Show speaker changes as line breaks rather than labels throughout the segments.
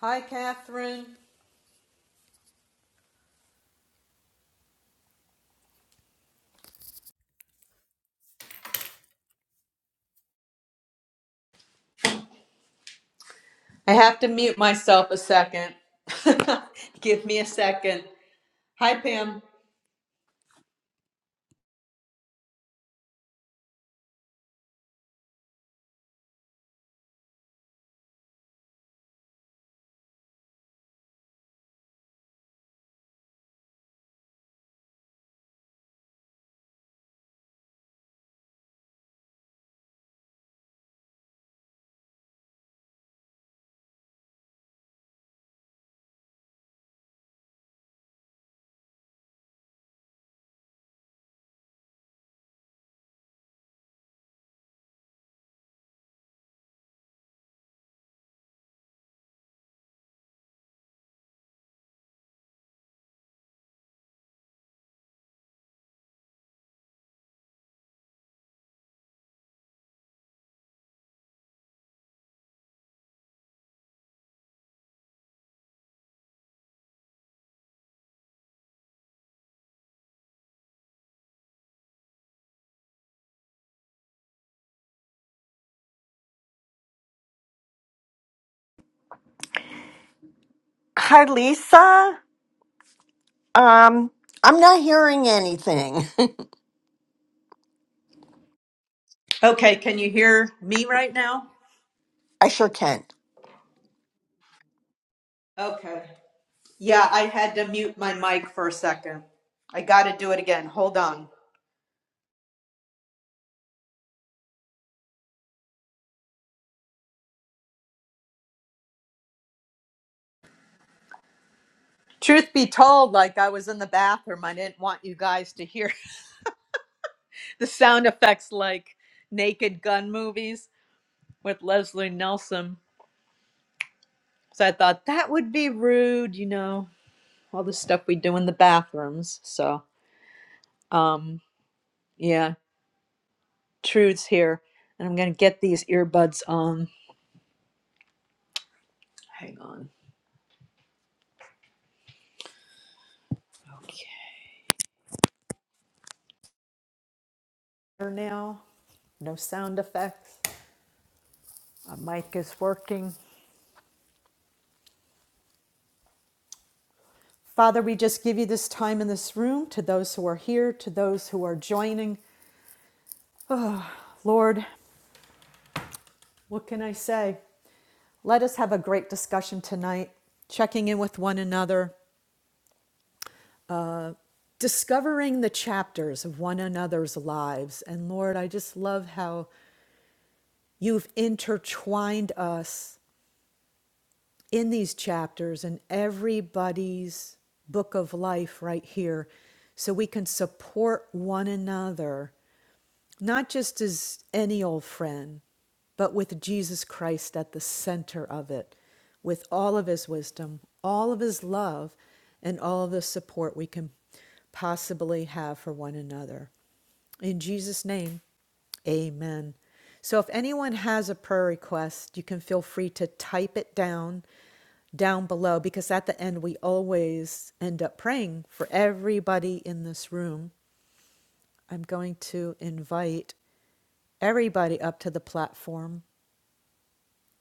Hi, Catherine. I have to mute myself a second. Give me a second. Hi, Pam.
Hi, Lisa. Um, I'm
Okay, can you hear me right now?
I sure can.
Okay. Yeah, I had to mute my mic for a second. I got to do it again. Hold on. Truth be told, like I was in the bathroom, I didn't want you guys to hear the sound effects like Naked Gun movies with Leslie Nelson. So I thought that would be rude, you know, all the stuff we do in the bathrooms. So, um, Yeah, Trude's here, and I'm gonna get these earbuds on. Hang on. Okay. Here Now, no sound effects. My mic is working. Father, we just give you this time in this room to those who are here, to those who are joining. Lord, what can I say? Let us have a great discussion tonight, checking in with one another, discovering the chapters of one another's lives. And Lord, I just love how you've intertwined us in these chapters in everybody's book of life right here so we can support one another not just as any old friend, but with Jesus Christ at the center of it, with all of his wisdom, all of his love, and all of the support we can possibly have for one another. In Jesus' name, amen. So if anyone has a prayer request, you can feel free to type it down down below because at the end we always end up praying for everybody in this room. I'm going to invite everybody up to the platform.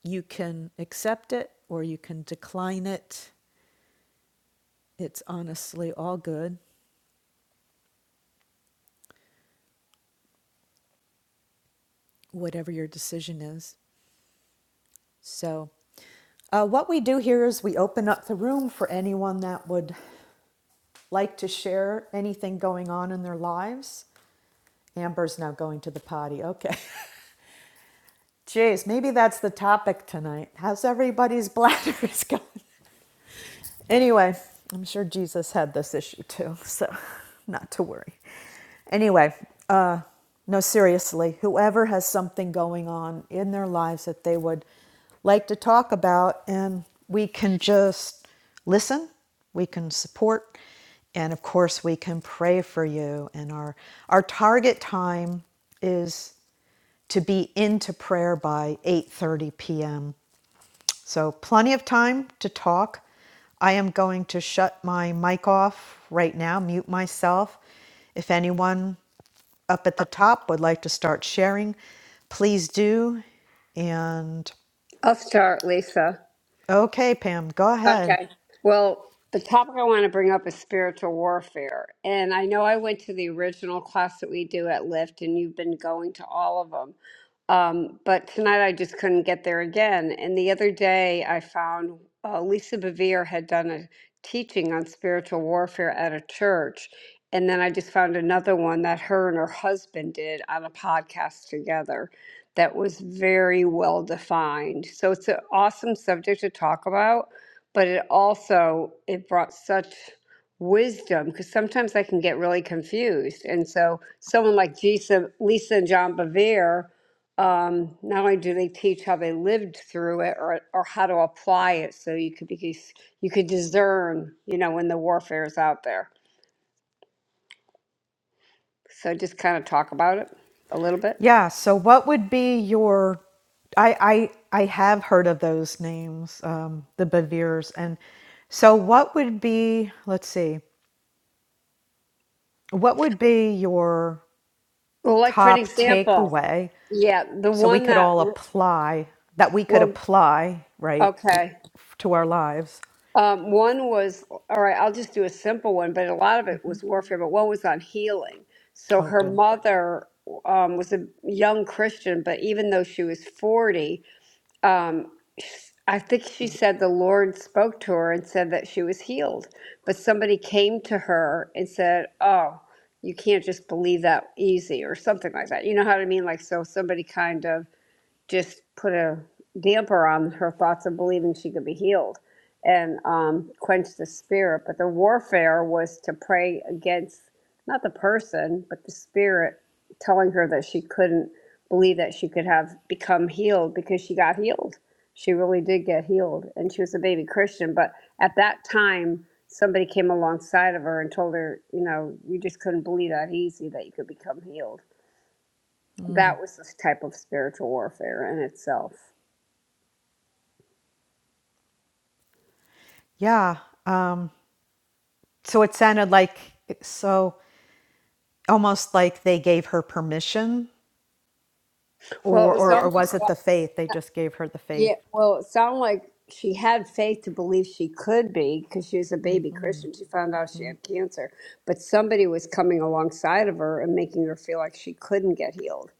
You can accept it or you can decline it. It's honestly all good, whatever your decision is. So, uh, what we do here is we open up the room for anyone that would like to share anything going on in their lives. Amber's now going to the potty. Okay. Jeez, maybe that's the topic tonight. How's everybody's bladders going? Anyway, I'm sure Jesus had this issue too, so not to worry. Anyway, uh, no, seriously, whoever has something going on in their lives that they would like to talk about, and we can just listen, we can support, and of course, we can pray for you. And our our target time is to be into prayer by 8:30 p.m. So, plenty of time to talk. I am going to shut my mic off right now, mute myself. If anyone up at the top would like to start sharing, please do. And
I'll start, Lisa.
okay, Pam, go ahead.
Okay. Well, the topic I want to bring up is spiritual warfare. And I know I went to the original class that we do at Lyft, and you've been going to all of them. Um, but tonight I just couldn't get there again. And the other day I found uh, Lisa Bevere had done a teaching on spiritual warfare at a church. And then I just found another one that her and her husband did on a podcast together that was very well defined. So it's an awesome subject to talk about but it also it brought such wisdom because sometimes I can get really confused. And so someone like Lisa, Lisa and John Bevere, um, not only do they teach how they lived through it or, or how to apply it so you could be you could discern, you know, when the warfare is out there. So just kind of talk about it a little bit.
Yeah, so what would be your I I I have heard of those names, um, the Bevirs. And so what would be, let's see, what would be your
Well, like for an
top
example,
takeaway
yeah, the
so we
one
could
that
all apply that we could
well,
apply right
okay.
to our lives
Um, one was, all right, I'll just do a simple one, but a lot of it was warfare, but one was on healing. So
oh
her
good
mother um, was a young Christian, but even though she was 40, um, I think she said the Lord spoke to her and said that she was healed. But somebody came to her and said, Oh, you can't just believe that easy, or something like that. You know what I mean? Like, so somebody kind of just put a damper on her thoughts of believing she could be healed and um, quench the spirit. But the warfare was to pray against not the person, but the spirit telling her that she couldn't believe that she could have become healed because she got healed. She really did get healed and she was a baby Christian. But at that time, somebody came alongside of her and told her, you know, you just couldn't believe that easy that you could become healed that was this type of spiritual warfare in itself.
yeah uh, so it sounded like so almost like they gave her permission
Well,
or,
it was
or or was
almost
it
like,
the faith they just gave her the faith
yeah, well, it sounded like she had faith to believe she could be because she was a baby Christian. She found out she had cancer, but somebody was coming alongside of her and making her feel like she couldn't get healed.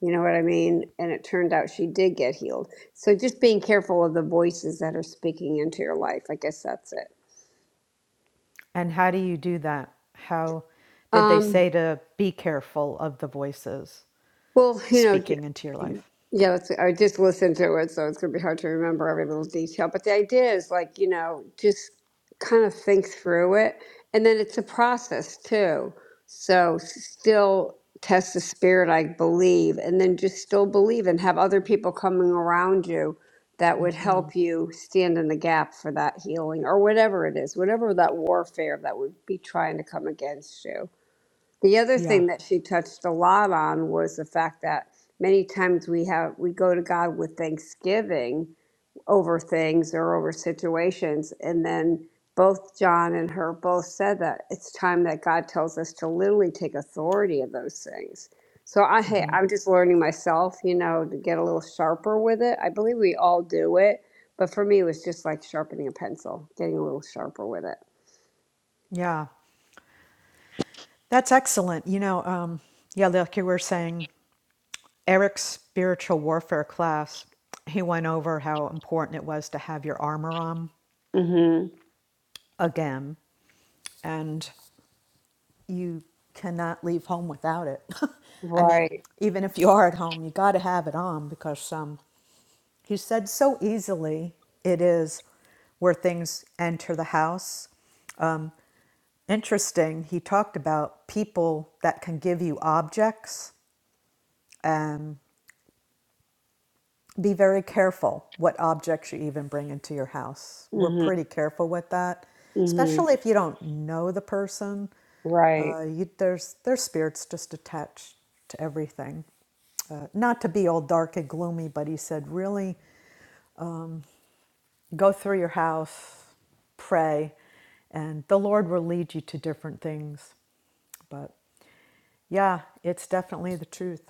You know what I mean? And it turned out she did get healed. So just being careful of the voices that are speaking into your life. I guess that's it.
and how do you do that how did they
Um,
say to be careful of the voices
Well, you know, j-
speaking into your life
yeah, it's, I just listened to it, so it's going to be hard to remember every little detail. But the idea is like, you know, just kind of think through it. And then it's a process too. So still test the spirit, I believe, and then just still believe and have other people coming around you that would help you stand in the gap for that healing or whatever it is, whatever that warfare that would be trying to come against you. The other
yeah
thing that she touched a lot on was the fact that many times we have we go to God with thanksgiving over things or over situations and then both John and her both said that it's time that God tells us to literally take authority of those things. So I hey,
Mm-hmm.
I'm just learning myself, you know, to get a little sharper with it. I believe we all do it, but for me it was just like sharpening a pencil, getting a little sharper with it.
yeah that's excellent you know um yeah like you were saying Eric's spiritual warfare class, he went over how important it was to have your armor on
Mhm.
again. And you cannot leave home without it. I mean,
Right.
even if you are at home, you got to have it on because um, he said so easily it is where things enter the house. Interesting, he talked about people that can give you objects and. be very careful what objects you even bring into your house. We're
Mhm.
pretty careful with that,
Mhm.
especially if you don't know the person.
Right.
Uh, you, there's there's spirits just attached to everything. Uh, not to be all dark and gloomy, but he said really go through your house, pray, and the Lord will lead you to different things. But yeah, it's definitely the truth.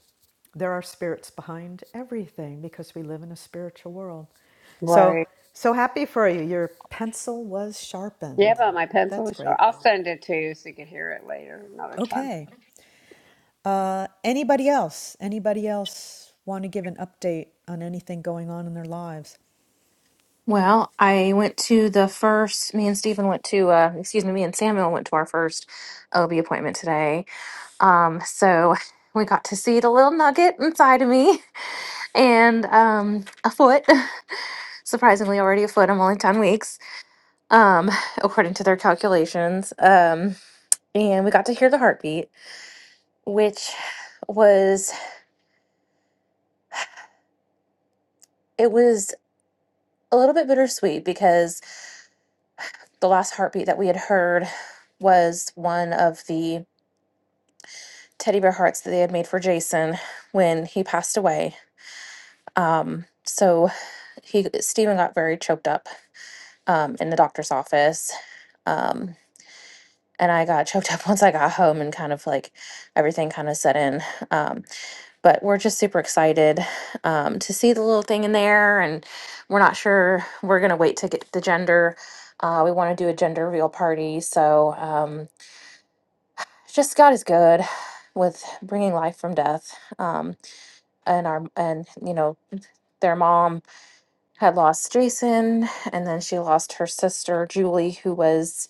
There are spirits behind everything because we live in a spiritual world. So,
Right.
so happy for you. Your pencil was
Yeah,
sharpened.
but my pencil
That's
was sharp.
great.
I'll send it to you so you can hear it later, another time.
Okay. Uh, anybody else? Anybody else want to give an update on anything going on in their lives?
Well, I went to the first, me and Stephen went to, uh, excuse me, me and Samuel went to our first OB appointment today. Um, so we got to see the little nugget inside of me and um, a foot. Surprisingly, already a foot. I'm only 10 weeks, um, according to their calculations. Um, and we got to hear the heartbeat, which was, it was a little bit bittersweet because the last heartbeat that we had heard was one of the teddy bear hearts that they had made for Jason when he passed away. Um, so he Stephen got very choked up um, in the doctor's office, um, and I got choked up once I got home and kind of like everything kind of set in. Um, but we're just super excited um, to see the little thing in there, and we're not sure we're gonna wait to get the gender. Uh, we want to do a gender reveal party, so um, just God is good with bringing life from death. Um, and our and you know their mom had lost Jason and then she lost her sister Julie who was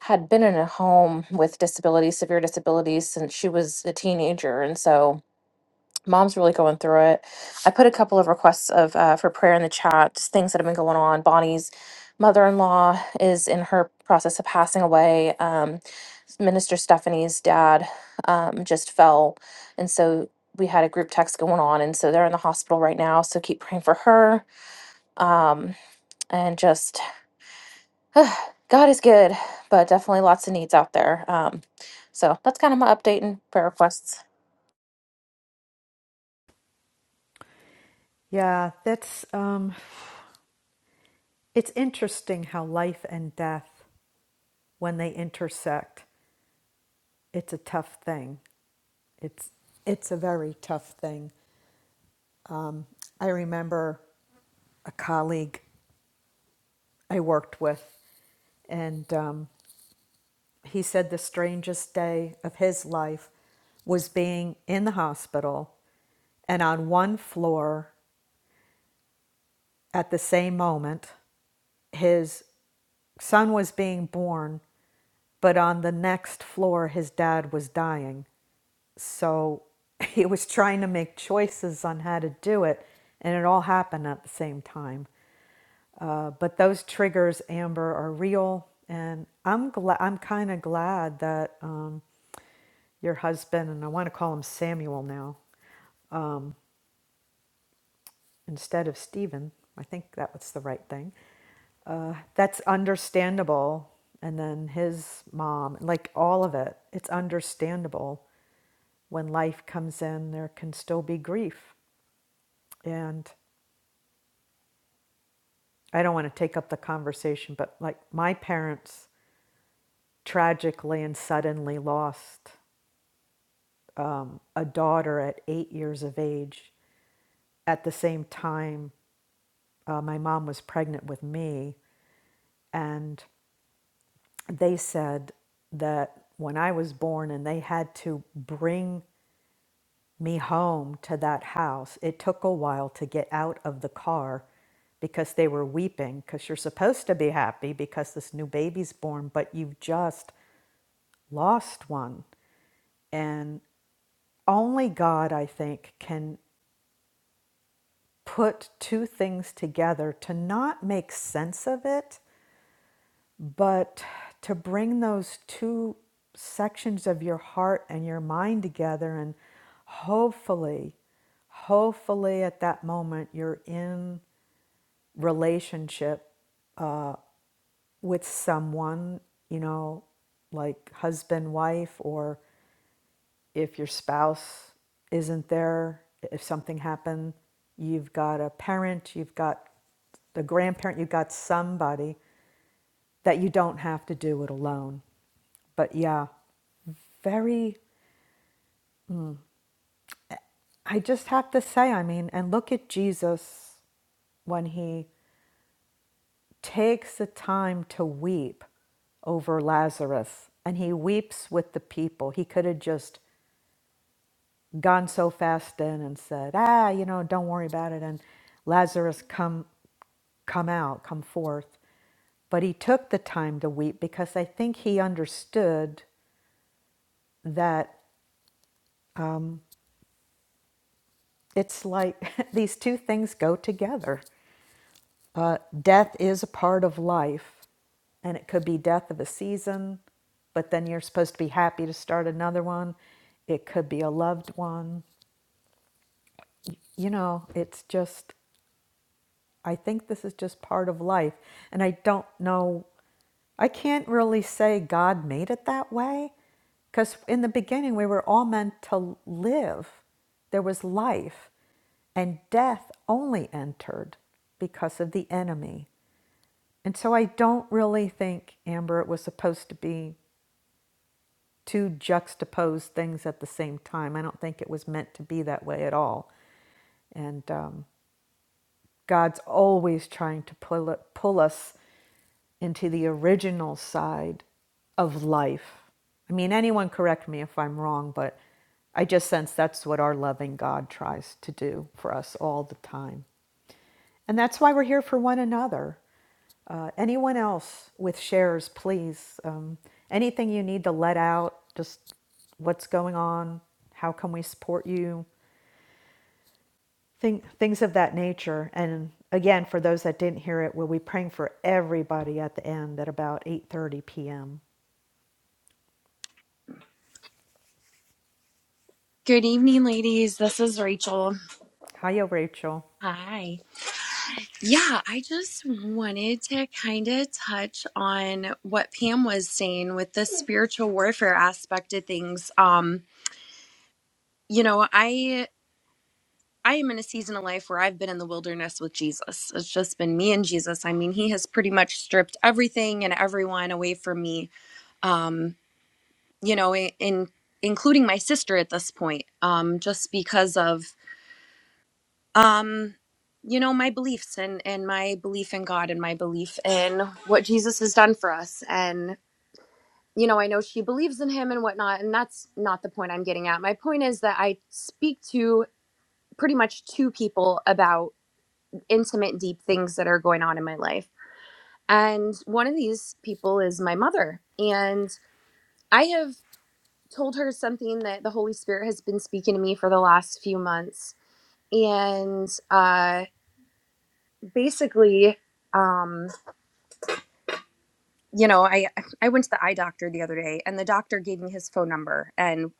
had been in a home with disabilities severe disabilities since she was a teenager and so mom's really going through it I put a couple of requests of uh, for prayer in the chat just things that have been going on Bonnie's mother-in-law is in her process of passing away Um, Minister Stephanie's dad um, just fell. And so we had a group text going on. And so they're in the hospital right now. So keep praying for her. Um, and just God is good, but definitely lots of needs out there. Um, so that's kind of my update and prayer requests.
Yeah, that's um, It's interesting how life and death, when they intersect, it's a tough thing. It's it's a very tough thing. I remember a colleague I worked with, and um, he said the strangest day of his life was being in the hospital, and on one floor at the same moment, his son was being born, but on the next floor, his dad was dying. So he was trying to make choices on how to do it, and it all happened at the same time. Uh, but those triggers, Amber, are real, and I'm glad. I'm kind of glad that um, your husband and I want to call him Samuel now instead of Stephen. I think that was the right thing. Uh, that's understandable. And then his mom, like all of it, it's understandable when life comes in. There can still be grief, and I don't want to take up the conversation, but like my parents tragically and suddenly lost um, a daughter at eight years of age. At the same time, uh, my mom was pregnant with me, and they said that when I was born and they had to bring me home to that house, it took a while to get out of the car because they were weeping because you're supposed to be happy because this new baby's born, but you've just lost one. And only God, I think, can put two things together to not make sense of it, but to bring those two sections of your heart and your mind together. And hopefully, hopefully at that moment, you're in relationship uh, with someone, you know, like husband, wife, or if your spouse isn't there, if something happened, you've got a parent, you've got a grandparent, you've got somebody that you don't have to do it alone. But yeah, very, I just have to say, I mean, and look at Jesus when he takes the time to weep over Lazarus and he weeps with the people. He could have just gone so fast in and said, "Ah, you know, don't worry about it." And Lazarus, come, come out, come forth. But he took the time to weep because I think he understood that it's like these two things go together. Uh, death is a part of life, and it could be death of a season, but then you're supposed to be happy to start another one. It could be a loved one. You know, it's just I think this is just part of life. And I don't know, I can't really say God made it that way because in the beginning we were all meant to live. There was life, and death only entered because of the enemy. And so I don't really think, Amber, it was supposed to be two juxtaposed things at the same time. I don't think it was meant to be that way at all. And um, God's always trying to pull, it, pull us into the original side of life. I mean, anyone correct me if I'm wrong, but I just sense that's what our loving God tries to do for us all the time. And that's why we're here for one another. Uh, anyone else with shares, please. Um, anything you need to let out, just what's going on, how can we support you? Think, things of that nature. And again, for those that didn't hear it, we'll be praying for everybody at the end at about 8:30 p.m.
Good evening, ladies. This is Rachel.
Hiya, Rachel.
Hi. Yeah, I just wanted to kind of touch on what Pam was saying with the spiritual warfare aspect of things. Um, you know, I I am in a season of life where I've been in the wilderness with Jesus. It's just been me and Jesus. I mean, he has pretty much stripped everything and everyone away from me. Um, you know, in including my sister at this point. Um, just because of um you know my beliefs and and my belief in god and my belief in what jesus has done for us and you know i know she believes in him and whatnot and that's not the point i'm getting at my point is that i speak to pretty much two people about intimate deep things that are going on in my life and one of these people is my mother and i have told her something that the holy spirit has been speaking to me for the last few months and uh basically um you know, I I went to the eye doctor the other day, and the doctor gave me his phone number, and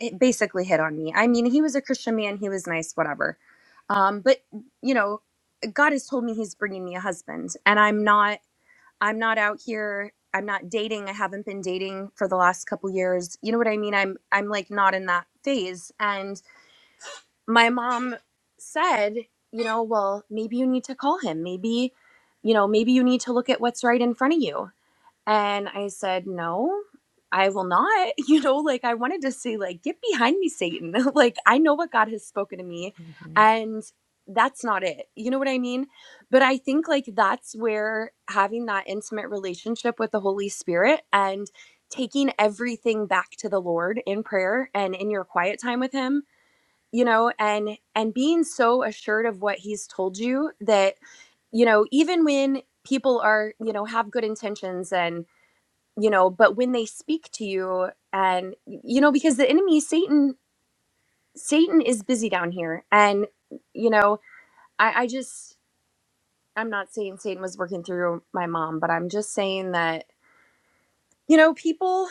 it basically hit on me. I mean, he was a Christian man, he was nice, whatever. Um, but you know, God has told me He's bringing me a husband, and I'm not. I'm not out here. I'm not dating. I haven't been dating for the last couple years. You know what I mean? I'm I'm like not in that phase. And my mom said, you know, well, maybe you need to call him. Maybe, you know, maybe you need to look at what's right in front of you and I said, No, I will not. You know, like I wanted to say, like, get behind me, Satan. like I know what God has spoken to me.
Mm-hmm.
And that's not it. You know what I mean? But I think like that's where having that intimate relationship with the Holy Spirit and taking everything back to the Lord in prayer and in your quiet time with him, you know, and and being so assured of what he's told you that you know even when people are you know have good intentions and you know but when they speak to you and you know because the enemy satan satan is busy down here and you know i i just i'm not saying satan was working through my mom but i'm just saying that you know people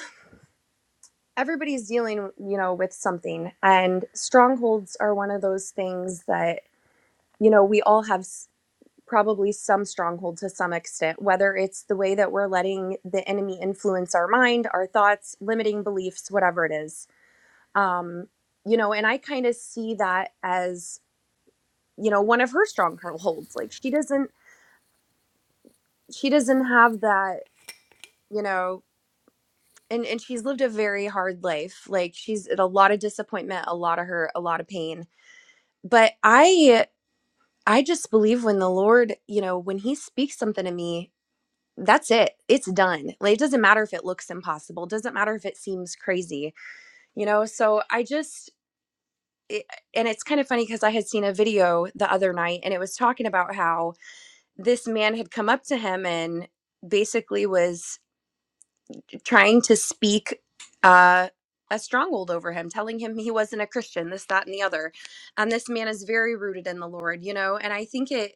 everybody's dealing you know with something and strongholds are one of those things that you know we all have s- probably some stronghold to some extent whether it's the way that we're letting the enemy influence our mind our thoughts limiting beliefs whatever it is um you know and i kind of see that as you know one of her strongholds like she doesn't she doesn't have that you know and and she's lived a very hard life like she's had a lot of disappointment a lot of hurt a lot of pain but i i just believe when the lord you know when he speaks something to me that's it it's done like it doesn't matter if it looks impossible doesn't matter if it seems crazy you know so i just it, and it's kind of funny because I had seen a video the other night and it was talking about how this man had come up to him and basically was trying to speak uh, a stronghold over him, telling him he wasn't a Christian, this, that, and the other. And this man is very rooted in the Lord, you know. And I think it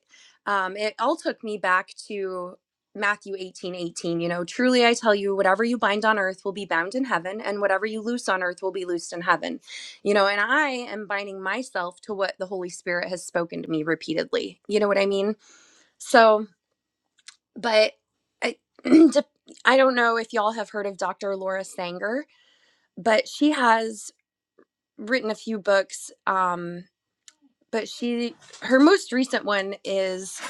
um, it all took me back to Matthew 18, 18. you know, truly I tell you, whatever you bind on earth will be bound in heaven, and whatever you loose on earth will be loosed in heaven. You know, and I am binding myself to what the Holy Spirit has spoken to me repeatedly. You know what I mean? So but I, I don't know if y'all have heard of Dr. Laura Sanger, but she has written a few books. Um, but she, her most recent one is,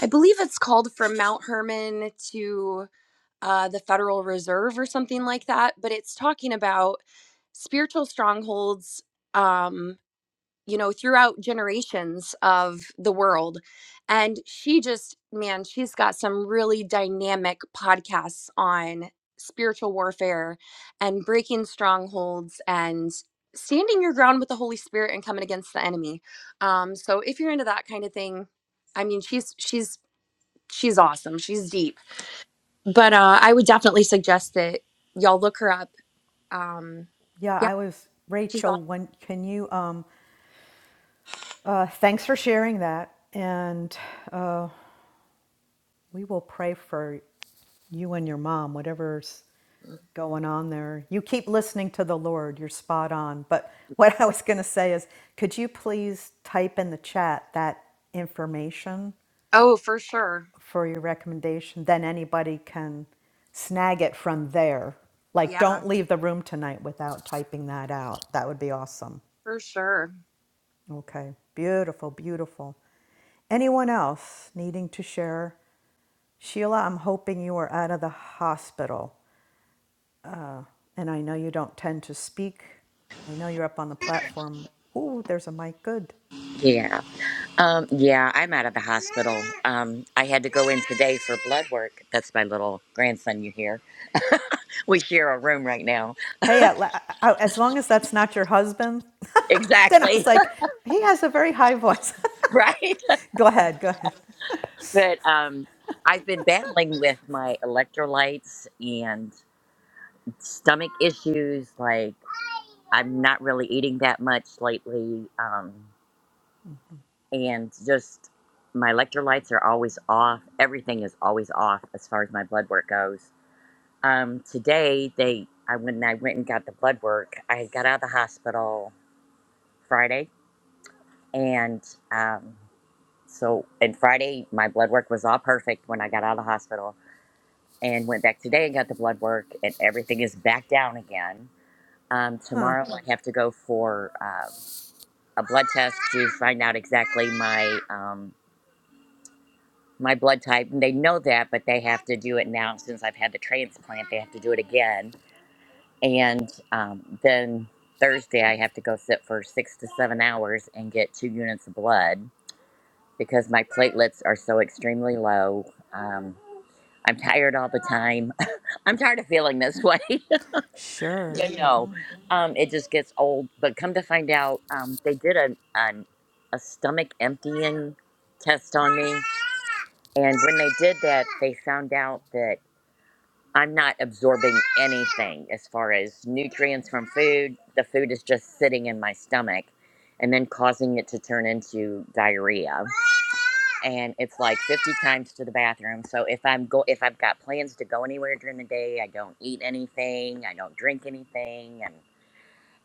I believe it's called From Mount Herman to uh, the Federal Reserve or something like that. But it's talking about spiritual strongholds. Um, you know, throughout generations of the world. And she just, man, she's got some really dynamic podcasts on spiritual warfare and breaking strongholds and standing your ground with the Holy Spirit and coming against the enemy. Um, so if you're into that kind of thing, I mean, she's, she's, she's awesome. She's deep. But uh, I would definitely suggest that y'all look her up. Um,
Yeah,
yeah,
I was
she's
Rachel. When can you? Um, Uh, thanks for sharing that. And uh, we will pray for you and your mom, whatever's
awesome.
going on there. You keep listening to the Lord. You're spot on. But what I was going to say is, could you please type in the chat that information
Oh, for sure.
for your recommendation, then anybody can snag it from there. Like,
Yeah,
don't leave the room tonight without typing that out. That would be awesome.
for sure.
Okay, beautiful, beautiful. Anyone else needing to share? Sheila, I'm hoping you are out of the hospital. Uh, and I know you don't tend to speak. I know you're up on the platform. Ooh, there's a mic. Good.
Yeah. Um, yeah, I'm out of the hospital. Um, I had to go in today for blood work. That's my little grandson you hear. We share a room right now.
Hey, at la- I- as long as that's not your husband, then I
Exactly.
was like, he has a very high voice.
right.
Go ahead. Go ahead.
But um, I've been battling with my electrolytes and stomach issues. Like, I'm not really eating that much lately. Um, and just my electrolytes are always off. Everything is always off as far as my blood work goes Um, today they, I when I went and got the blood work, I got out of the hospital Friday, and um, so and Friday my blood work was all perfect when I got out of the hospital, and went back today and got the blood work, and everything is back down again. Um, tomorrow I have to go for um, a blood test to find out exactly my um, my blood type. And they know that, but they have to do it now since I've had the transplant. They have to do it again And um, then Thursday, I have to go sit for six to seven hours and get two units of blood because my platelets are so extremely low. Um, I'm tired all the time. I'm tired of feeling this way.
Sure.
you know, um, it just gets old. But come to find out, um, they did a, a, a stomach emptying test on me. And when they did that, they found out that. I'm not absorbing anything as far as nutrients from food. The food is just sitting in my stomach and then causing it to turn into diarrhea. And it's like 50 times to the bathroom. So if I'm go if I've got plans to go anywhere during the day, I don't eat anything, I don't drink anything and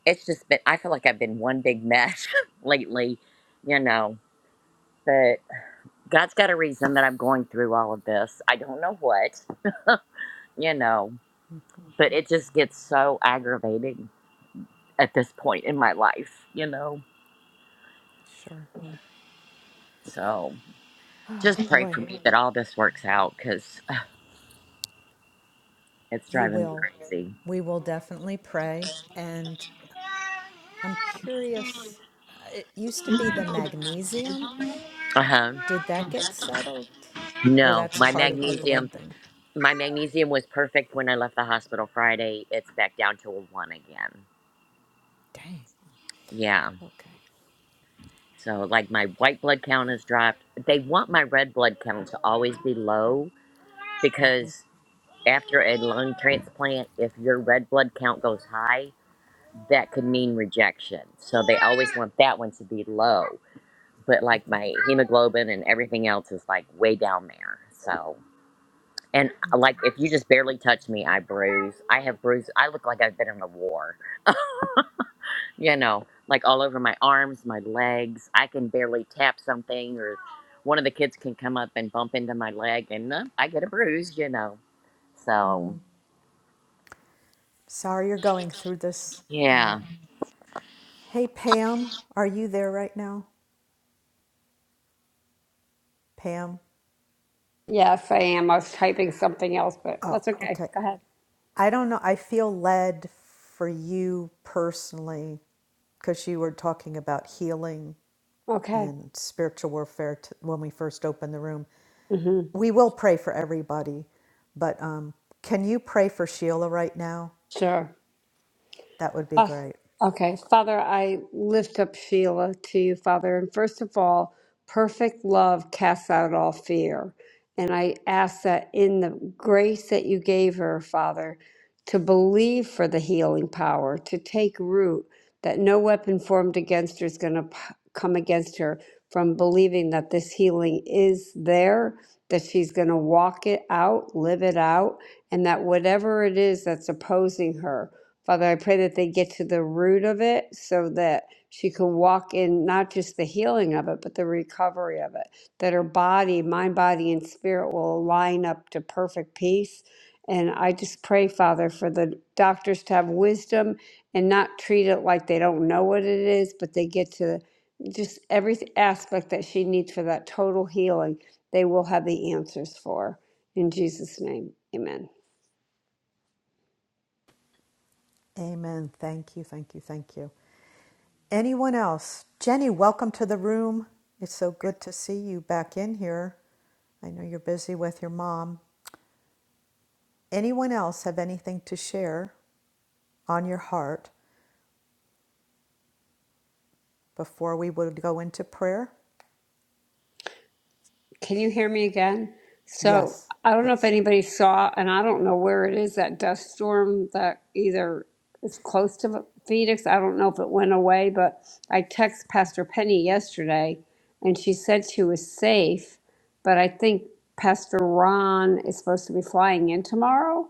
it's just been I feel like I've been one big mess lately, you know. But God's got a reason that I'm going through all of this. I don't know what, you know. but it just gets so aggravating at this point in my life, you know?
Sure.
So
Oh,
just pray for
boy,
me that all this works out because it's
we
driving me
will.
crazy.
We will definitely pray. And I'm curious, it used to be the magnesium.
Uh huh.
Did that get settled? Or
No,
that's
my
part of the blood
magnesium,
thing?
my magnesium was perfect when I left the hospital Friday. It's back down to a one again.
Dang.
Yeah.
Okay.
So like my white blood count has dropped. They want my red blood count to always be low because. After a lung transplant, if your red blood count goes high, that could mean rejection. So they always want that one to be low. But like my hemoglobin and everything else is like way down there. So, and uh,
Okay.
like if you just barely touch me, I bruise. I have bruise. I look like I've been in a war, you know, like all over my arms, my legs. I can barely tap something or one of the kids can come up and bump into my leg and uh, I get a bruise, you know. So,
Sorry you're going through this. Uh,
yeah.
hey, Pam, are you there right now? Pam?
Yes, I am. I was typing something else, but
Oh,
that's okay.
okay.
Go ahead.
I don't know. I feel led for you personally because you were talking about healing
Okay.
and spiritual warfare t- when we first opened the room.
hmm
We will pray for everybody, but um, can you pray for Sheila right now?
Sure.
That would be
Oh,
great.
okay. Father, I lift up Sheila to you, Father. And first of all, perfect love casts out all fear. And I ask that in the grace that you gave her, Father, to believe for the healing power, to take root, that no weapon formed against her is going to come against her from believing that this healing is there, that she's going to walk it out, live it out, and that whatever it is that's opposing her, Father, I pray that they get to the root of it so that she can walk in not just the healing of it, but the recovery of it. That her body, mind, body, and spirit will line up to perfect peace. And I just pray, Father, for the doctors to have wisdom and not treat it like they don't know what it is, but they get to just every aspect that she needs for that total healing. They will have the answers for. In Jesus' name, amen.
Amen. Thank you. Thank you. Thank you. Anyone else? Jenny, welcome to the room. It's so good to see you back in here. I know you're busy with your mom. Anyone else have anything to share on your heart before we would go into prayer?
Can you hear me again? So
Yes,
I don't know if
yes.
anybody saw, and I don't know where it is, that dust storm that either is close to Phoenix. I don't know if it went away, but I texted Pastor Penny yesterday and she said she was safe, but I think Pastor Ron is supposed to be flying in tomorrow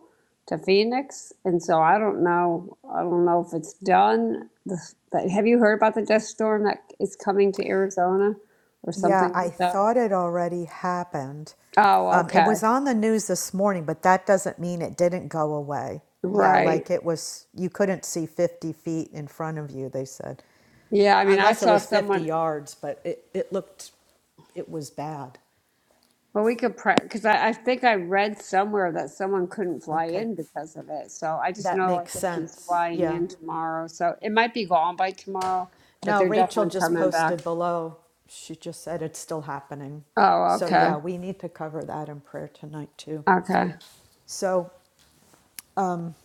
to Phoenix. And so I don't know. I don't know if it's done. The, the, have you heard about the dust storm that is coming to Arizona or
Yeah,
something
I
like that?
thought it already happened.
Oh,
Um, it
okay.
was on the news this morning, but that doesn't mean it didn't go away. Yeah,
Right.
like it was, you couldn't see 50 feet in front of you, they said.
Yeah. I mean, I
Unless it
saw
was 50
someone,
yards, but it, it looked, it was bad.
well, we could pray because I, I think I read somewhere that someone couldn't fly
Okay,
in because of it. So I just
that
know I
makes
think he's
sense.
flying
Yeah.
in tomorrow. So it might be gone by tomorrow, but
Now
they're
Rachel
definitely
just
coming back.
posted below. She just said it's still happening.
Oh,
So yeah,
okay.
we need to cover that in prayer tonight too.
Okay.
So, um,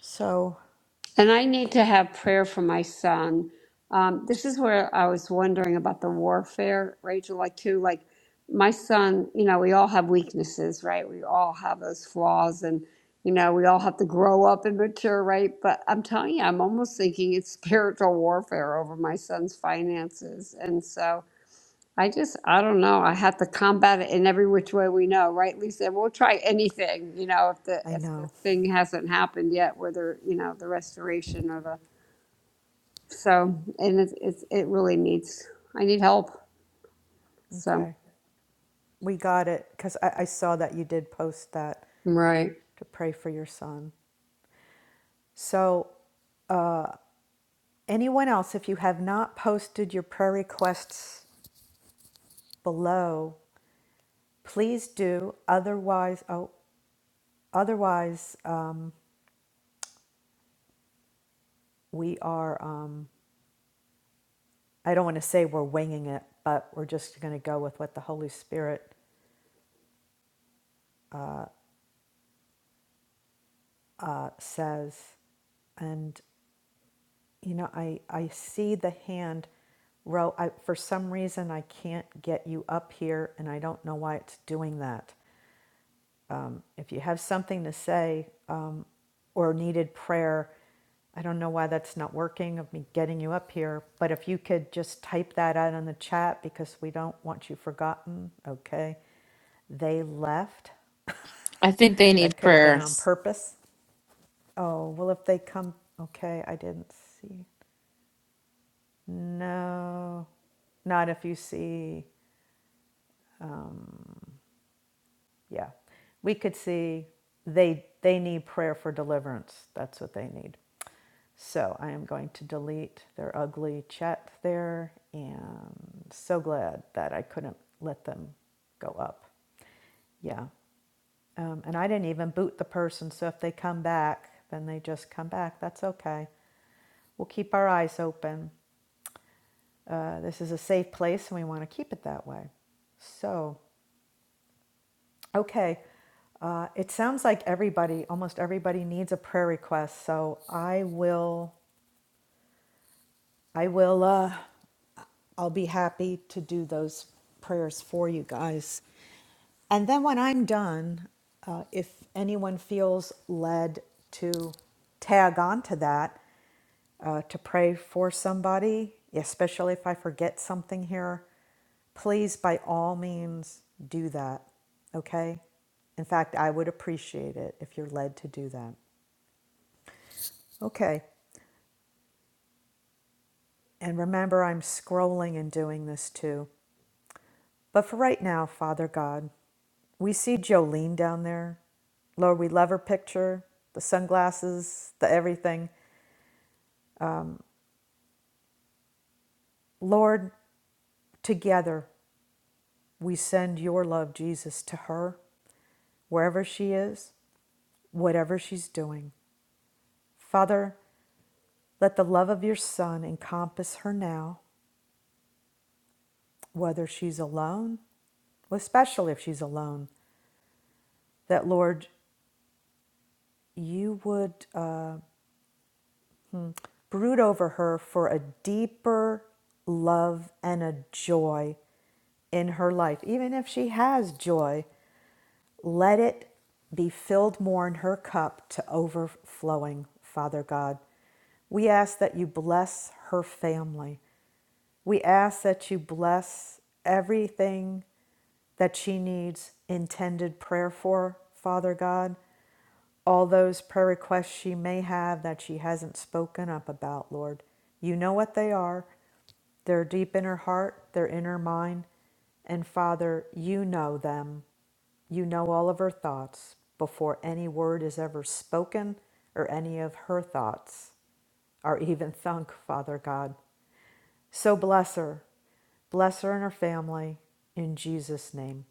so
And I need to have prayer for my son. Um, this is where I was wondering about the warfare, Rachel, like too, like my son, you know, we all have weaknesses, right? We all have those flaws and, you know, we all have to grow up and mature, right? But I'm telling you, I'm almost thinking it's spiritual warfare over my son's finances. And so, I just, I don't know. I have to combat it in every which way we know, right, Lisa? We'll try anything, you know, if the
I
if the
know.
thing hasn't happened yet, whether you know the restoration or the so, and it's it's it really needs. I need help. So
Okay, we got it because I, I saw that you did post that
right.
to pray for your son. So, anyone else, if you have not posted your prayer requests below, please do. Otherwise, oh, otherwise, um, we are. Um, I don't want to say we're winging it, but we're just going to go with what the Holy Spirit uh, says. And you know, I I see the hand. Ro, I, for some reason, I can't get you up here, and I don't know why it's doing that. Um, if you have something to say um, or needed prayer, I don't know why that's not working of me getting you up here, but if you could just type that out in the chat because we don't want you forgotten, okay? They left.
I think they
that
need
could have
prayer.
been on
Yes.
purpose. Oh, well, if they come, okay, I didn't see. No, not if you see. Yeah. We could see they they need prayer for deliverance. That's what they need. So I am going to delete their ugly chat there and so glad that I couldn't let them go up. Yeah. Um, and I didn't even boot the person. So if they come back, then they just come back. That's okay. We'll keep our eyes open. Uh, this is a safe place and we want to keep it that way. So Okay. Uh, it sounds like everybody, almost everybody, needs a prayer request. So I will. I will, uh, I'll be happy to do those prayers for you guys. And then when I'm done, uh, if anyone feels led to tag on to that, uh, to pray for somebody, especially if I forget something here, please by all means do that, okay? In fact, I would appreciate it if you're led to do that. Okay, and remember, I'm scrolling and doing this too. But for right now, Father God, we see Jolene down there. Lord, we love her picture, the sunglasses, the everything. Lord, together we send your love, Jesus, to her, wherever she is, whatever she's doing. Father, let the love of your Son encompass her now, whether she's alone, especially if she's alone, that Lord, you would. uh, brood over her for a deeper love and a joy in her life. Even if she has joy, let it be filled more in her cup to overflowing, Father God. We ask that you bless her family, we ask that you bless everything that she needs intended prayer for, Father God. All those prayer requests she may have that she hasn't spoken up about, Lord. You know what they are. They're deep in her heart, they're in her mind. And Father, you know them. You know all of her thoughts before any word is ever spoken or any of her thoughts are even thunk, Father God. So bless her. Bless her and her family in Jesus' name.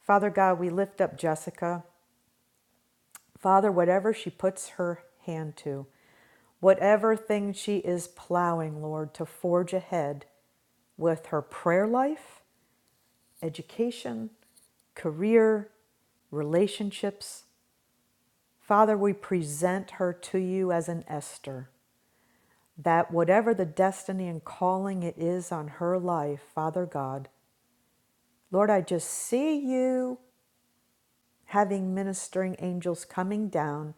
Father God, we lift up Jessica. Father, whatever she puts her hand to, whatever thing she is plowing, Lord, to forge ahead with her prayer life, education, career, relationships. Father, we present her to you as an Esther, that whatever the destiny and calling it is on her life, Father God, Lord, I just see you having ministering angels coming down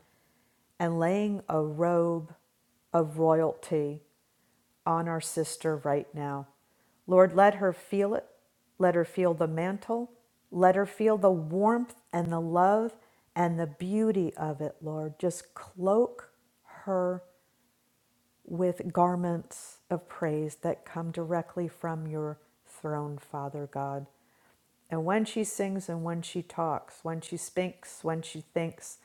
and laying a robe of royalty on our sister right now. Lord, let her feel it. Let her feel the mantle. Let her feel the warmth and the love and the beauty of it, Lord. Just cloak her with garments of praise that come directly from your throne, Father God. And when she sings and when she talks, when she speaks, when she thinks,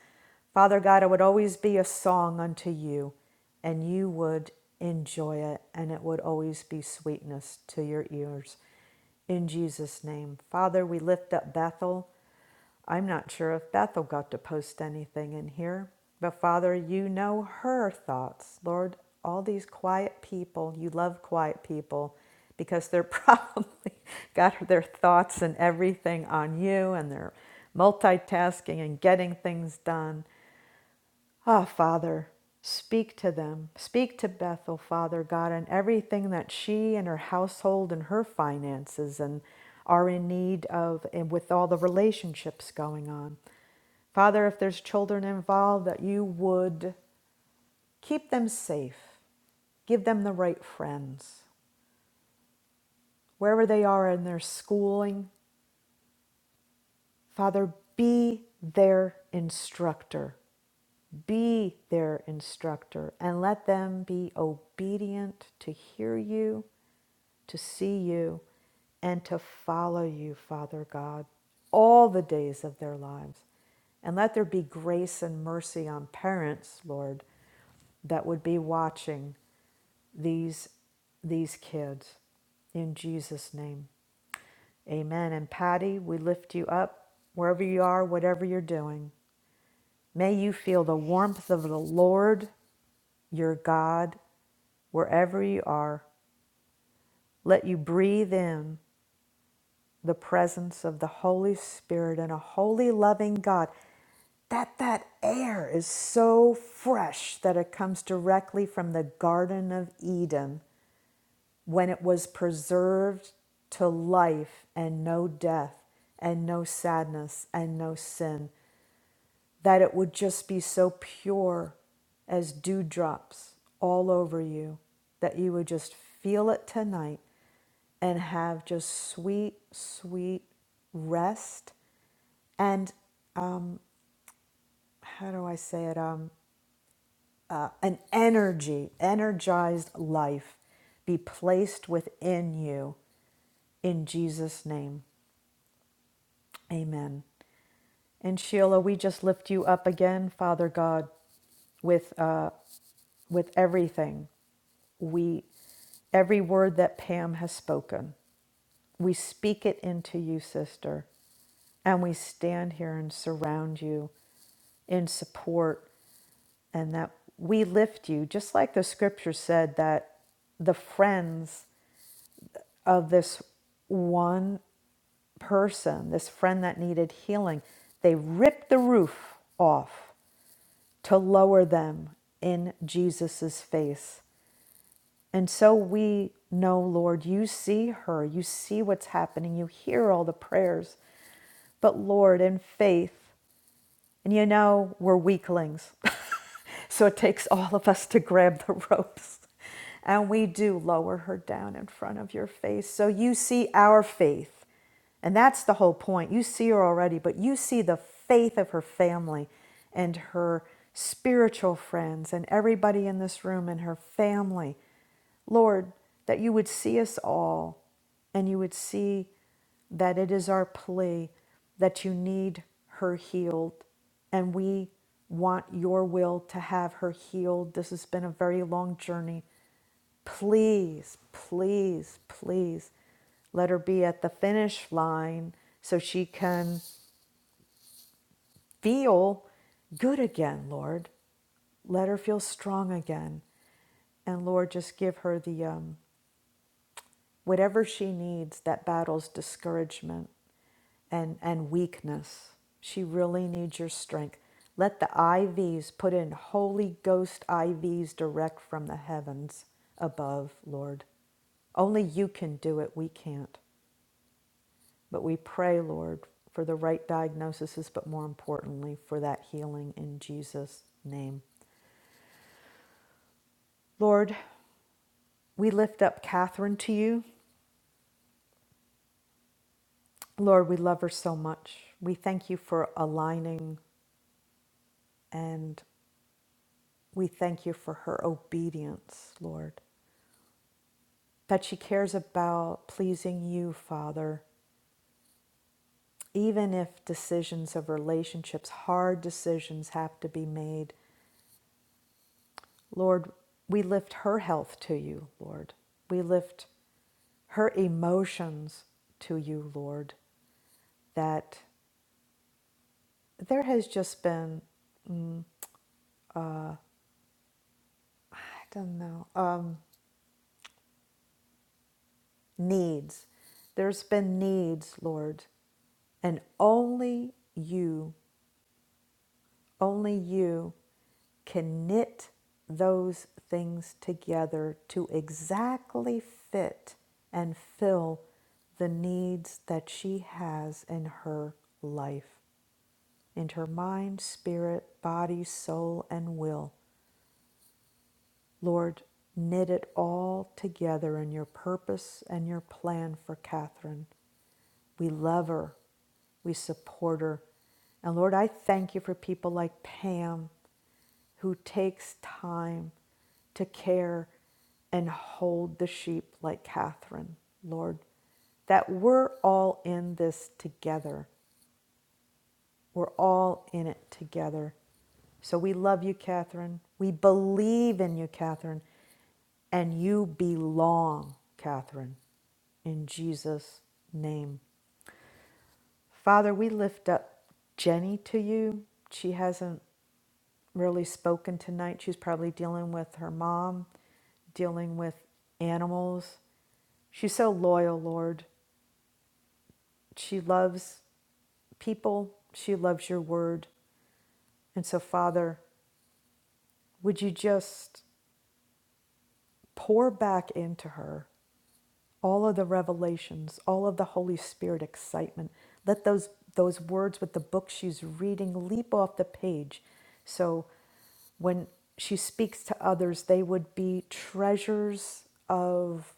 Father God, it would always be a song unto you, and you would enjoy it, and it would always be sweetness to your ears. In Jesus' name. Father, we lift up Bethel. I'm not sure if Bethel got to post anything in here, but Father, you know her thoughts. Lord, all these quiet people, you love quiet people because they're probably got their thoughts and everything on you and they're multitasking and getting things done. Ah, oh, Father, speak to them. Speak to Bethel, Father God, and everything that she and her household and her finances and are in need of, and with all the relationships going on. Father, if there's children involved, that you would keep them safe, give them the right friends, wherever they are in their schooling. Father, be their instructor. Be their instructor and let them be obedient to hear you, to see you, and to follow you, Father God, all the days of their lives. And let there be grace and mercy on parents, Lord, that would be watching these, these kids. In Jesus' name, amen. And Patty, we lift you up wherever you are, whatever you're doing. May you feel the warmth of the Lord your God wherever you are. Let you breathe in the presence of the Holy Spirit and a holy, loving God. That that air is so fresh that it comes directly from the Garden of Eden when it was preserved to life and no death and no sadness and no sin. that it would just be so pure as dewdrops all over you, that you would just feel it tonight and have just sweet, sweet rest and um, how do I say it? Um, uh, an energy, energized life be placed within you in Jesus' name. Amen. And Sheila, we just lift you up again, Father God, with uh, with everything. We, every word that Pam has spoken, we speak it into you, sister, and we stand here and surround you in support and that we lift you, just like the scripture said that the friends of this one person, this friend that needed healing, they ripped the roof off to lower them in Jesus's face. And so we know, Lord, you see her, you see what's happening, you hear all the prayers. But Lord, in faith, and you know, we're weaklings. so it takes all of us to grab the ropes. And we do lower her down in front of your face. So you see our faith. And that's the whole point. You see her already, but you see the faith of her family and her spiritual friends and everybody in this room and her family. Lord, that you would see us all and you would see that it is our plea that you need her healed and we want your will to have her healed. This has been a very long journey. Please, please, please let her be at the finish line so she can feel good again, Lord. Let her feel strong again. And Lord, just give her the um, whatever she needs that battles discouragement and, and weakness. She really needs your strength. Let the IVs put in Holy Ghost IVs direct from the heavens above, Lord. Only you can do it. We can't. But we pray, Lord, for the right diagnoses, but more importantly, for that healing in Jesus' name. Lord, we lift up Catherine to you. Lord, we love her so much. We thank you for aligning and we thank you for her obedience, Lord. that she cares about pleasing you, Father, even if decisions of relationships, hard decisions, have to be made. Lord, we lift her health to you, Lord. We lift her emotions to you, Lord, that there has just been, I don't know, um, needs. There's been needs, Lord, and only you Only you can knit those things together to exactly fit and fill the needs that she has in her life, in her mind, spirit, body, soul, and will. Lord, knit it all together in your purpose and your plan for Catherine. We love her. We support her. And Lord, I thank you for people like Pam who takes time to care and hold the sheep like Catherine, Lord, that we're all in this together. We're all in it together. So we love you, Catherine. We believe in you, Catherine. And you belong, Catherine, in Jesus' name. Father, we lift up Jenny to you. She hasn't really spoken tonight. She's probably dealing with her mom, dealing with animals. She's so loyal, Lord. She loves people, she loves your word. And so, Father, would you just pour back into her all of the revelations, all of the Holy Spirit excitement. Let those those words with the book she's reading leap off the page. So when she speaks to others, they would be treasures of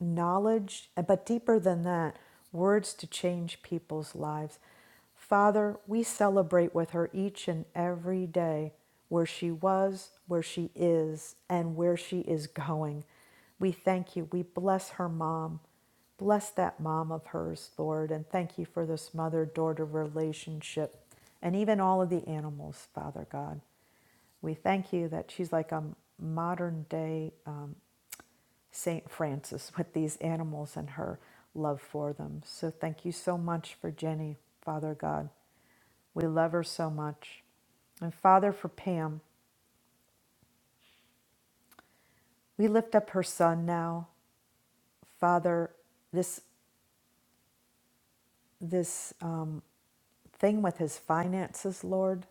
knowledge, uh, but deeper than that, words to change people's lives. Father, we celebrate with her each and every day where she was, where she is, and where she is going. We thank you. We bless her mom. Bless that mom of hers, Lord, and thank you for this mother daughter relationship and even all of the animals, Father God. We thank you that she's like a modern day. St. Francis with these animals and her love for them. So thank you so much for Jenny, Father God. We love her so much. And Father, for Pam, we lift up her son now. Father, this this um, thing with his finances, Lord,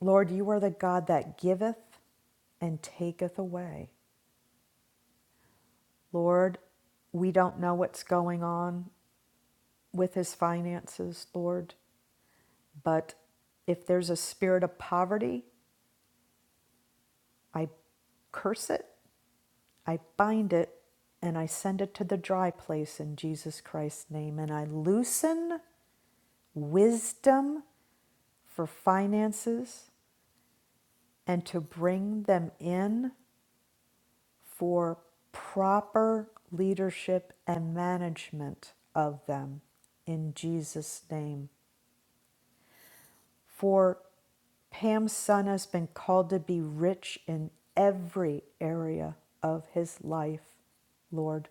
Lord, you are the God that giveth and taketh away. Lord, we don't know what's going on with his finances, Lord. But if there's a spirit of poverty, I curse it, I bind it, and I send it to the dry place in Jesus Christ's name. And I loosen wisdom for finances and to bring them in for proper leadership and management of them in Jesus' name. For Pam's son has been called to be rich in every area of his life, Lord.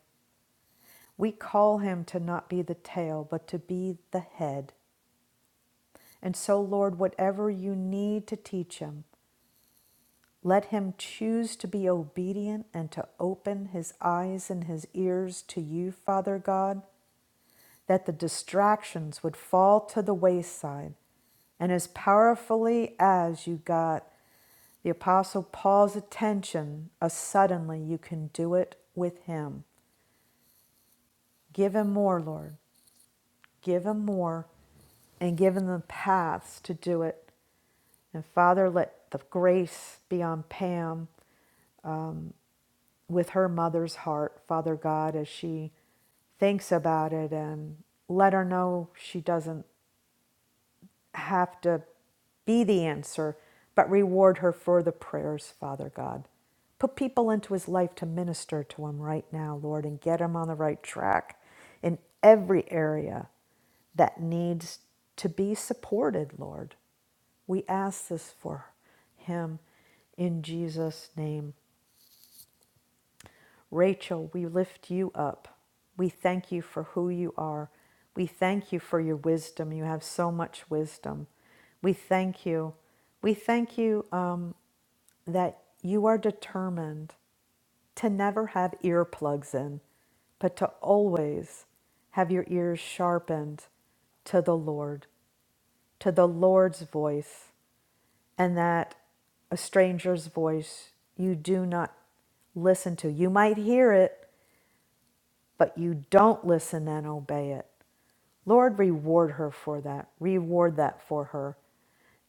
We call him to not be the tail, but to be the head. And so, Lord, whatever you need to teach him, let him choose to be obedient and to open his eyes and his ears to you, Father God, that the distractions would fall to the wayside. And as powerfully as you got The Apostle Paul's attention a suddenly, you can do it with him. Give him more, Lord. Give him more and give him the paths to do it. And Father, let the grace be on Pam with her mother's heart, Father God, as she thinks about it and let her know she doesn't have to be the answer, but reward her for the prayers, Father God. Put people into his life to minister to him right now, Lord, and get him on the right track in every area that needs to be supported, Lord. We ask this for him in Jesus' name. Rachel, we lift you up. We thank you for who you are. We thank you for your wisdom. You have so much wisdom. We thank you. We thank you um, that you are determined to never have earplugs in, but to always have your ears sharpened to the Lord, to the Lord's voice, and that a stranger's voice you do not listen to. You might hear it, but you don't listen and obey it. Lord, reward her for that. Reward that for her.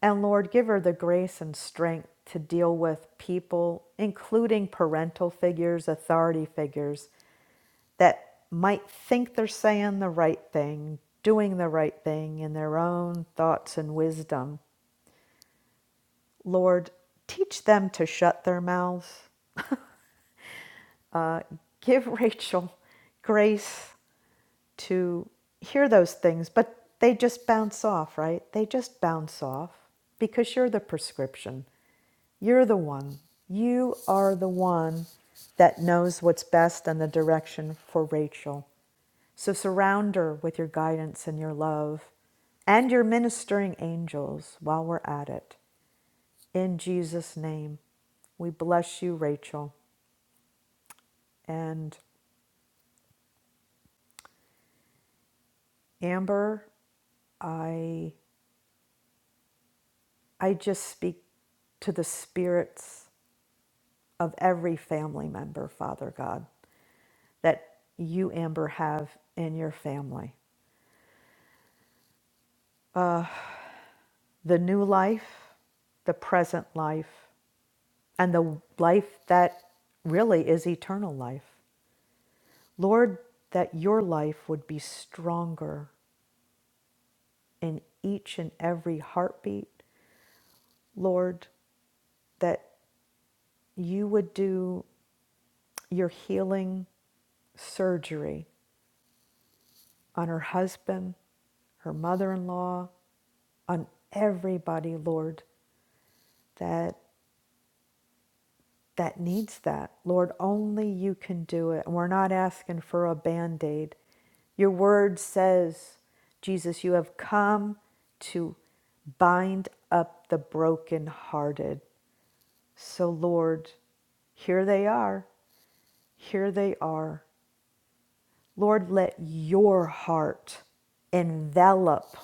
And Lord, give her the grace and strength to deal with people, including parental figures, authority figures, that might think they're saying the right thing, doing the right thing in their own thoughts and wisdom. Lord, teach them to shut their mouths. Uh, give Rachel grace to hear those things, but they just bounce off, right? They just bounce off because you're the prescription. You're the one. You are the one that knows what's best and the direction for Rachel. So surround her with your guidance and your love and your ministering angels while we're at it. In Jesus' name, we bless you, Rachel. And Amber, I I just speak to the spirits of every family member, Father God, that you, Amber, have in your family. The new life, the present life, and the life that really is eternal life. Lord, that your life would be stronger in each and every heartbeat. Lord, that you would do your healing surgery on her husband, her mother in law, on everybody, Lord, that that needs that. Lord, only you can do it. And we're not asking for a band-aid. Your word says, Jesus, you have come to bind up the brokenhearted. So Lord, here they are. Here they are. Lord, let your heart envelop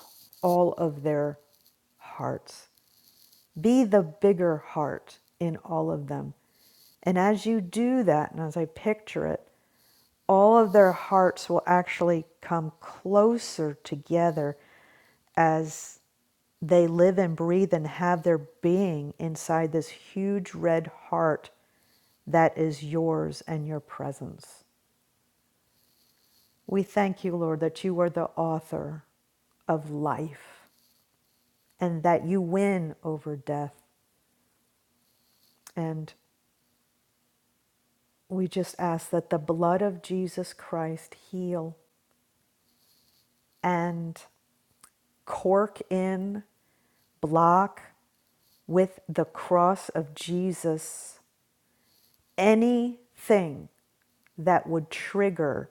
all of their hearts. Be the bigger heart in all of them. And as you do that, and as I picture it, all of their hearts will actually come closer together as they live and breathe and have their being inside this huge red heart that is yours and your presence. We thank you, Lord, that you are the author of life and that you win over death. And We just ask that the blood of Jesus Christ heal and cork in, block with the cross of Jesus anything that would trigger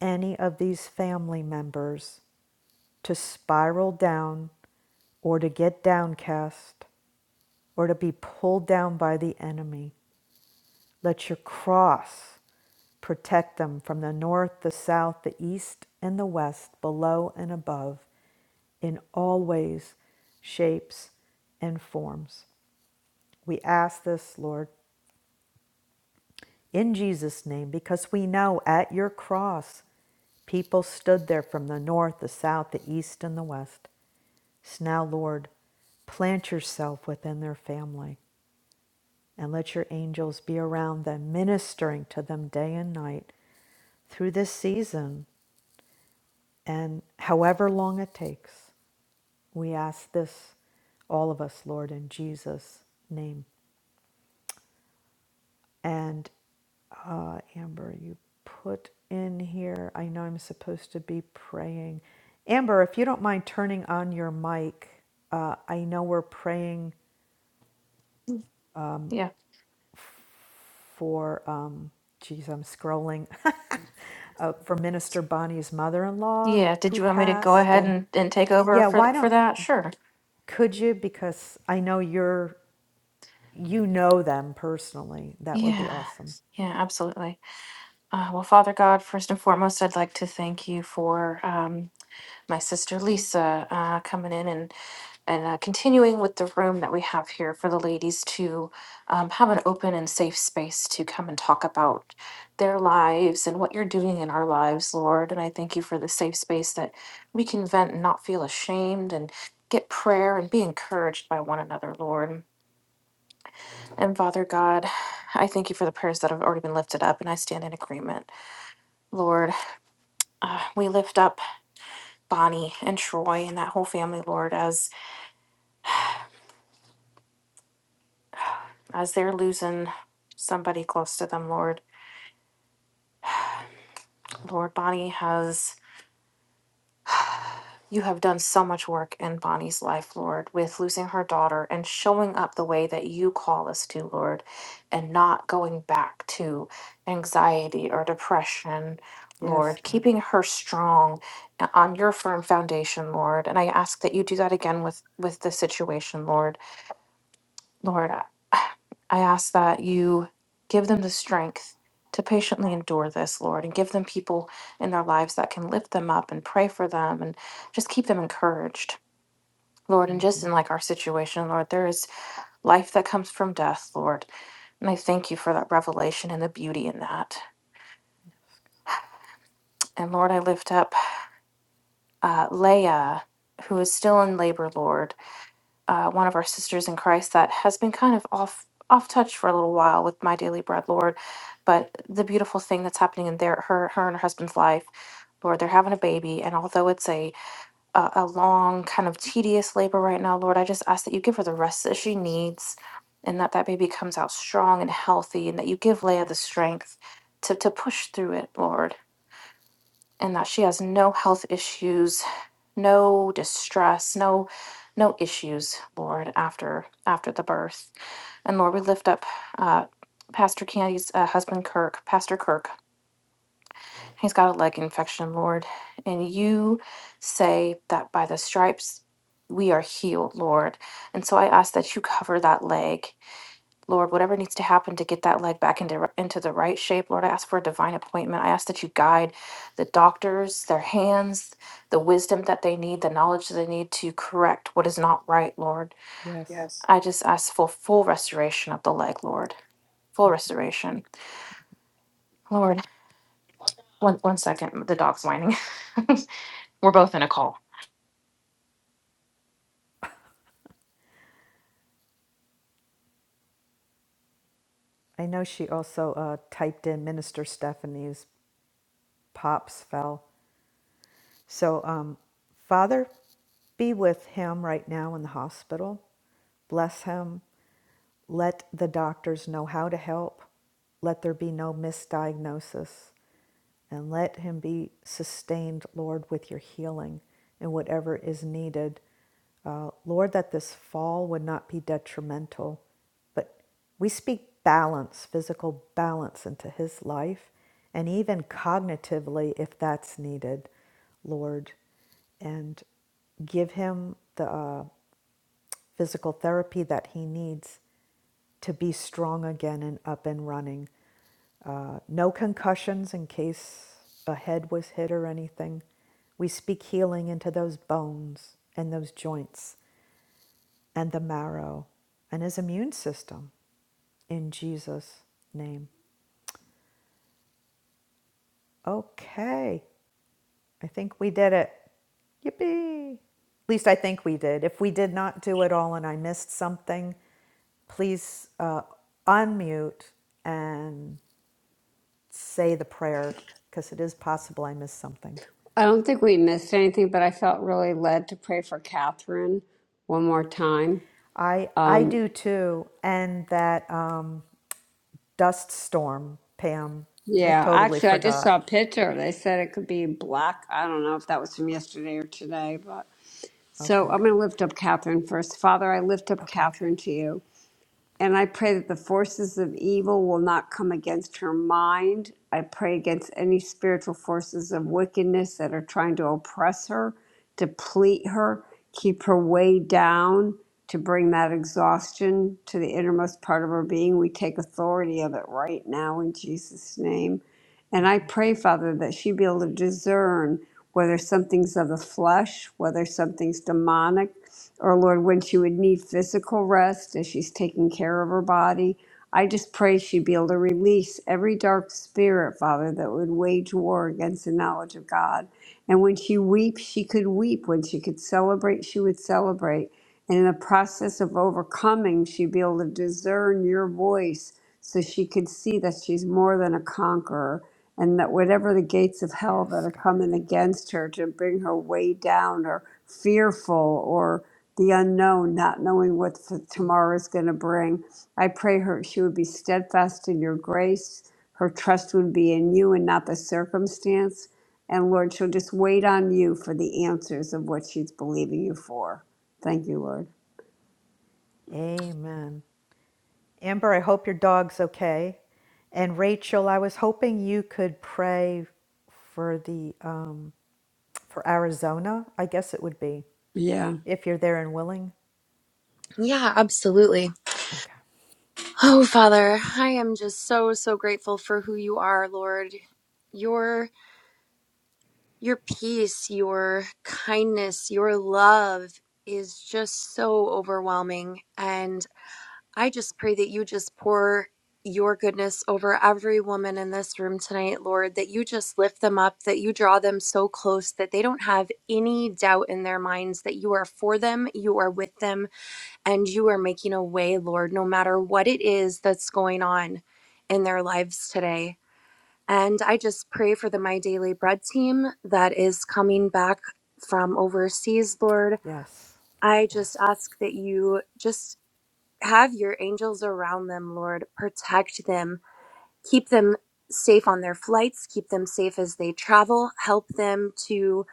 any of these family members to spiral down or to get downcast or to be pulled down by the enemy. Let your cross protect them from the north, the south, the east, and the west, below and above. in all ways, shapes, and forms. We ask this, Lord, in Jesus' name, because we know at your cross, people stood there from the north, the south, the east, and the west. So now, Lord, plant yourself within their family and let your angels be around them, ministering to them day and night through this season and however long it takes. We ask this, all of us, Lord, in Jesus' name. And uh, Amber, you put in here, I know I'm supposed to be praying. Amber, if you don't mind turning on your mic, uh, I know we're praying
Yeah.
for, um, geez, I'm scrolling, uh, for Minister Bonnie's mother in law
Yeah. Did
who
you want me to go
passed.
ahead
And
and, and take over
yeah,
for,
why
for
don't,
that? Sure.
could you? Because I know you're, you know them personally. That would be
Yeah.
awesome.
Yeah, absolutely. Uh, well, Father God, first and foremost, I'd like to thank you for. Um, my sister Lisa uh, coming in and and uh, continuing with the room that we have here for the ladies to um, have an open and safe space to come and talk about their lives and what you're doing in our lives, Lord. And I thank you for the safe space that we can vent and not feel ashamed and get prayer and be encouraged by one another, Lord. And Father God, I thank you for the prayers that have already been lifted up, and I stand in agreement, Lord. Uh, we lift up Bonnie and Troy and that whole family, Lord, as as they're losing somebody close to them, Lord. Lord, Bonnie has, you have done so much work in Bonnie's life, Lord, with losing her daughter and showing up the way that you call us to, Lord, and not going back to anxiety or depression.
Yes,
Lord,
God.
keeping her strong uh, on your firm foundation, Lord, and I ask that you do that again with with the situation, Lord. Lord, I I ask that you give them the strength to patiently endure this, Lord, and give them people in their lives that can lift them up and pray for them and just keep them encouraged, Lord. And just
hmm
in like our situation, Lord, there is life that comes from death, Lord. And I thank you for that revelation and the beauty in that. And Lord, I lift up uh, Leia, who is still in labor, Lord. uh, one of our sisters in Christ that has been kind of off off touch for a little while with my daily bread, Lord. But the beautiful thing that's happening in their her her and her husband's life, Lord, they're having a baby, and although it's a a, a long kind of tedious labor right now, Lord, I just ask that you give her the rest that she needs, and that that baby comes out strong and healthy, and that you give Leah the
Yes, God.
strength to to push through it, Lord, and that she has no health issues no distress, no no issues, Lord, after after the birth. And Lord, we lift up uh, Pastor Candy's uh, husband, Kirk, Pastor Kirk. He's got a leg infection, Lord. And you say that by the stripes we are healed, Lord. And so I ask that you cover that leg. Lord, whatever needs to happen to get that leg back into, into the right shape, Lord, I ask for a divine appointment. I ask that you guide the doctors, their hands, the wisdom that they need, the knowledge that they need to correct what is not right, Lord.
Yes.
I just ask for full restoration of the leg, Lord. Full restoration. Lord, one, one second. The dog's whining. We're both in a call.
I know she also uh, typed in Minister Stephanie's pops fell. So, um, Father, be with him right now in the hospital. Bless him. Let the doctors know how to help. Let there be no misdiagnosis. And let him be sustained, Lord, with your healing and whatever is needed. Uh, Lord, that this fall would not be detrimental, but we speak balance, physical balance into his life, and even cognitively if that's needed, Lord. And give him the uh, physical therapy that he needs to be strong again and up and running. Uh, no concussions in case a head was hit or anything. We speak healing into those bones and those joints and the marrow and his immune system in Jesus' name. Okay, I think we did it. Yippee! At least I think we did. If we did not do it all and I missed something, please uh, unmute and say the prayer because it is possible I missed something.
I don't think we missed anything, but I felt really led to pray for Catherine one more time.
I I
Um,
do too, and that um, dust storm, Pam. I
yeah,
totally
actually, I just saw a
forgot.
picture. They said it could be black. I don't know if that was from yesterday or today, but. So
Okay.
I'm going to lift up Catherine first. Father, I lift up
Okay.
Catherine to you. And I pray that the forces of evil will not come against her mind. I pray against any spiritual forces of wickedness that are trying to oppress her, deplete her, keep her way down, to bring that exhaustion to the innermost part of her being. We take authority of it right now in Jesus' name. And I pray, Father, that she be able to discern whether something's of the flesh, whether something's demonic, or Lord, when she would need physical rest as she's taking care of her body. I just pray she'd be able to release every dark spirit, Father, that would wage war against the knowledge of God. And when she weeps, she could weep. When she could celebrate, she would celebrate. And in the process of overcoming, she'd be able to discern your voice so she could see that she's more than a conqueror and that whatever the gates of hell that
Yes,
are
God.
coming against her to bring her way down or fearful or the unknown, not knowing what f- tomorrow is going to bring. I pray her she would be steadfast in your grace. Her trust would be in you and not the circumstance. And Lord, she'll just wait on you for the answers of what she's believing you for. Thank you, Lord.
Amen. Amber, I hope your dog's okay. And Rachel, I was hoping you could pray for the um, for Arizona. I guess it would be
Yeah.
if you're there and willing.
Yeah, absolutely.
Okay.
Oh, Father, I am just so so grateful for who you are, Lord. Your your peace, your kindness, your love is just so overwhelming and I just pray that you just pour your goodness over every woman in this room tonight, Lord, that you just lift them up, that you draw them so close that they don't have any doubt in their minds that you are for them, you are with them, and you are making a way, Lord, no matter what it is that's going on in their lives today. And I just pray for the My Daily Bread team that is coming back from overseas, Lord.
Yes.
I just
Yes.
ask that you just have your angels around them, Lord. Protect them, keep them safe on their flights, keep them safe as they travel, help them to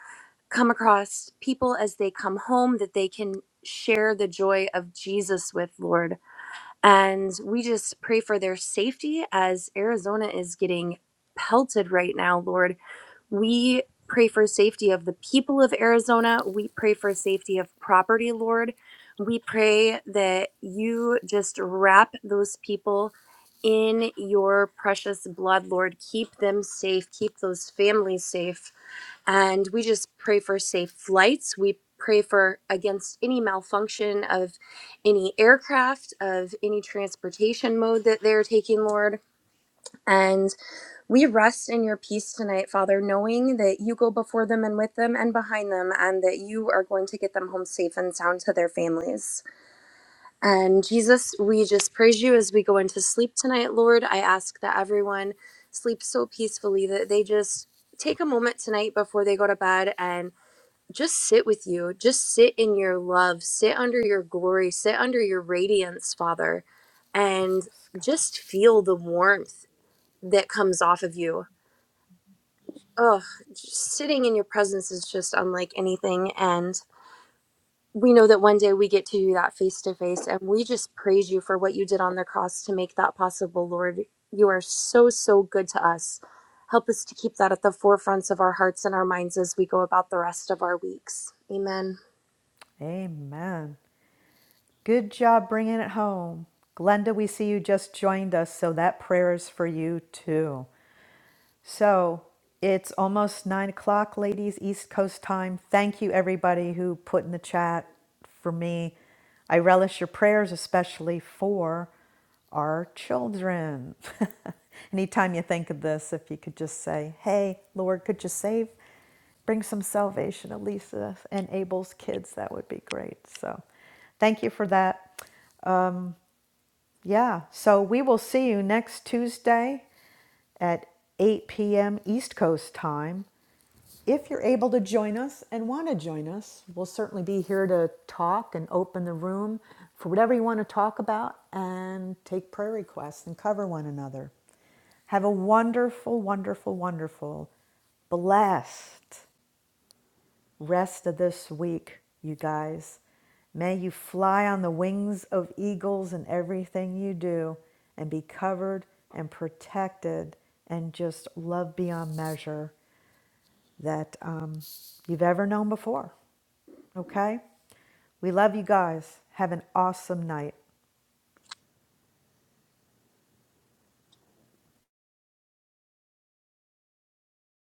come across people as they come home that they can share the joy of Jesus with, Lord. And we just pray for their safety as Arizona is getting pelted right now, Lord. We pray for safety of the people of Arizona. We pray for safety of property, Lord. We pray that you just wrap those people in your precious blood, Lord. Keep them safe. Keep those families safe and we just pray for safe flights. We pray for against any malfunction of any aircraft, of any transportation mode that they're taking, Lord. And we rest in your peace tonight, Father, knowing that you go before them and with them and behind them, and that you are going to get them home safe and sound to their families. And Jesus, we just praise you as we go into sleep tonight, Lord. I ask that everyone sleep so peacefully that they just take a moment tonight before they go to bed and just sit with you. Just sit in your love. Sit under your glory. Sit under your radiance, Father, and
Yes, God.
just feel the warmth that comes off of you. Ugh, just sitting in your presence is just unlike anything. And we know that one day we get to do that face to face. And we just praise you for what you did on the cross to make that possible, Lord. You are so, so good to us. Help us to keep that at the forefronts of our hearts and our minds as we go about the rest of our weeks. Amen.
Amen. Good job bringing it home. Glenda, we see you just joined us, so that prayer is for you too. So it's almost nine o'clock, ladies, East Coast time. Thank you, everybody who put in the chat for me. I relish your prayers, especially for our children. Anytime you think of this, if you could just say, Hey, Lord, could you save? Bring some salvation, Elisa and Abel's kids. That would be great. So thank you for that. Yeah. So we will see you next Tuesday at 8 p.m. East Coast time. If you're able to join us and want to join us, we'll certainly be here to talk and open the room for whatever you want to talk about and take prayer requests and cover one another. Have a wonderful, wonderful, wonderful, blessed rest of this week, you guys. May you fly on the wings of eagles in everything you do and be covered and protected and just love beyond measure that um, you've ever known before. Okay? We love you guys. Have an awesome night.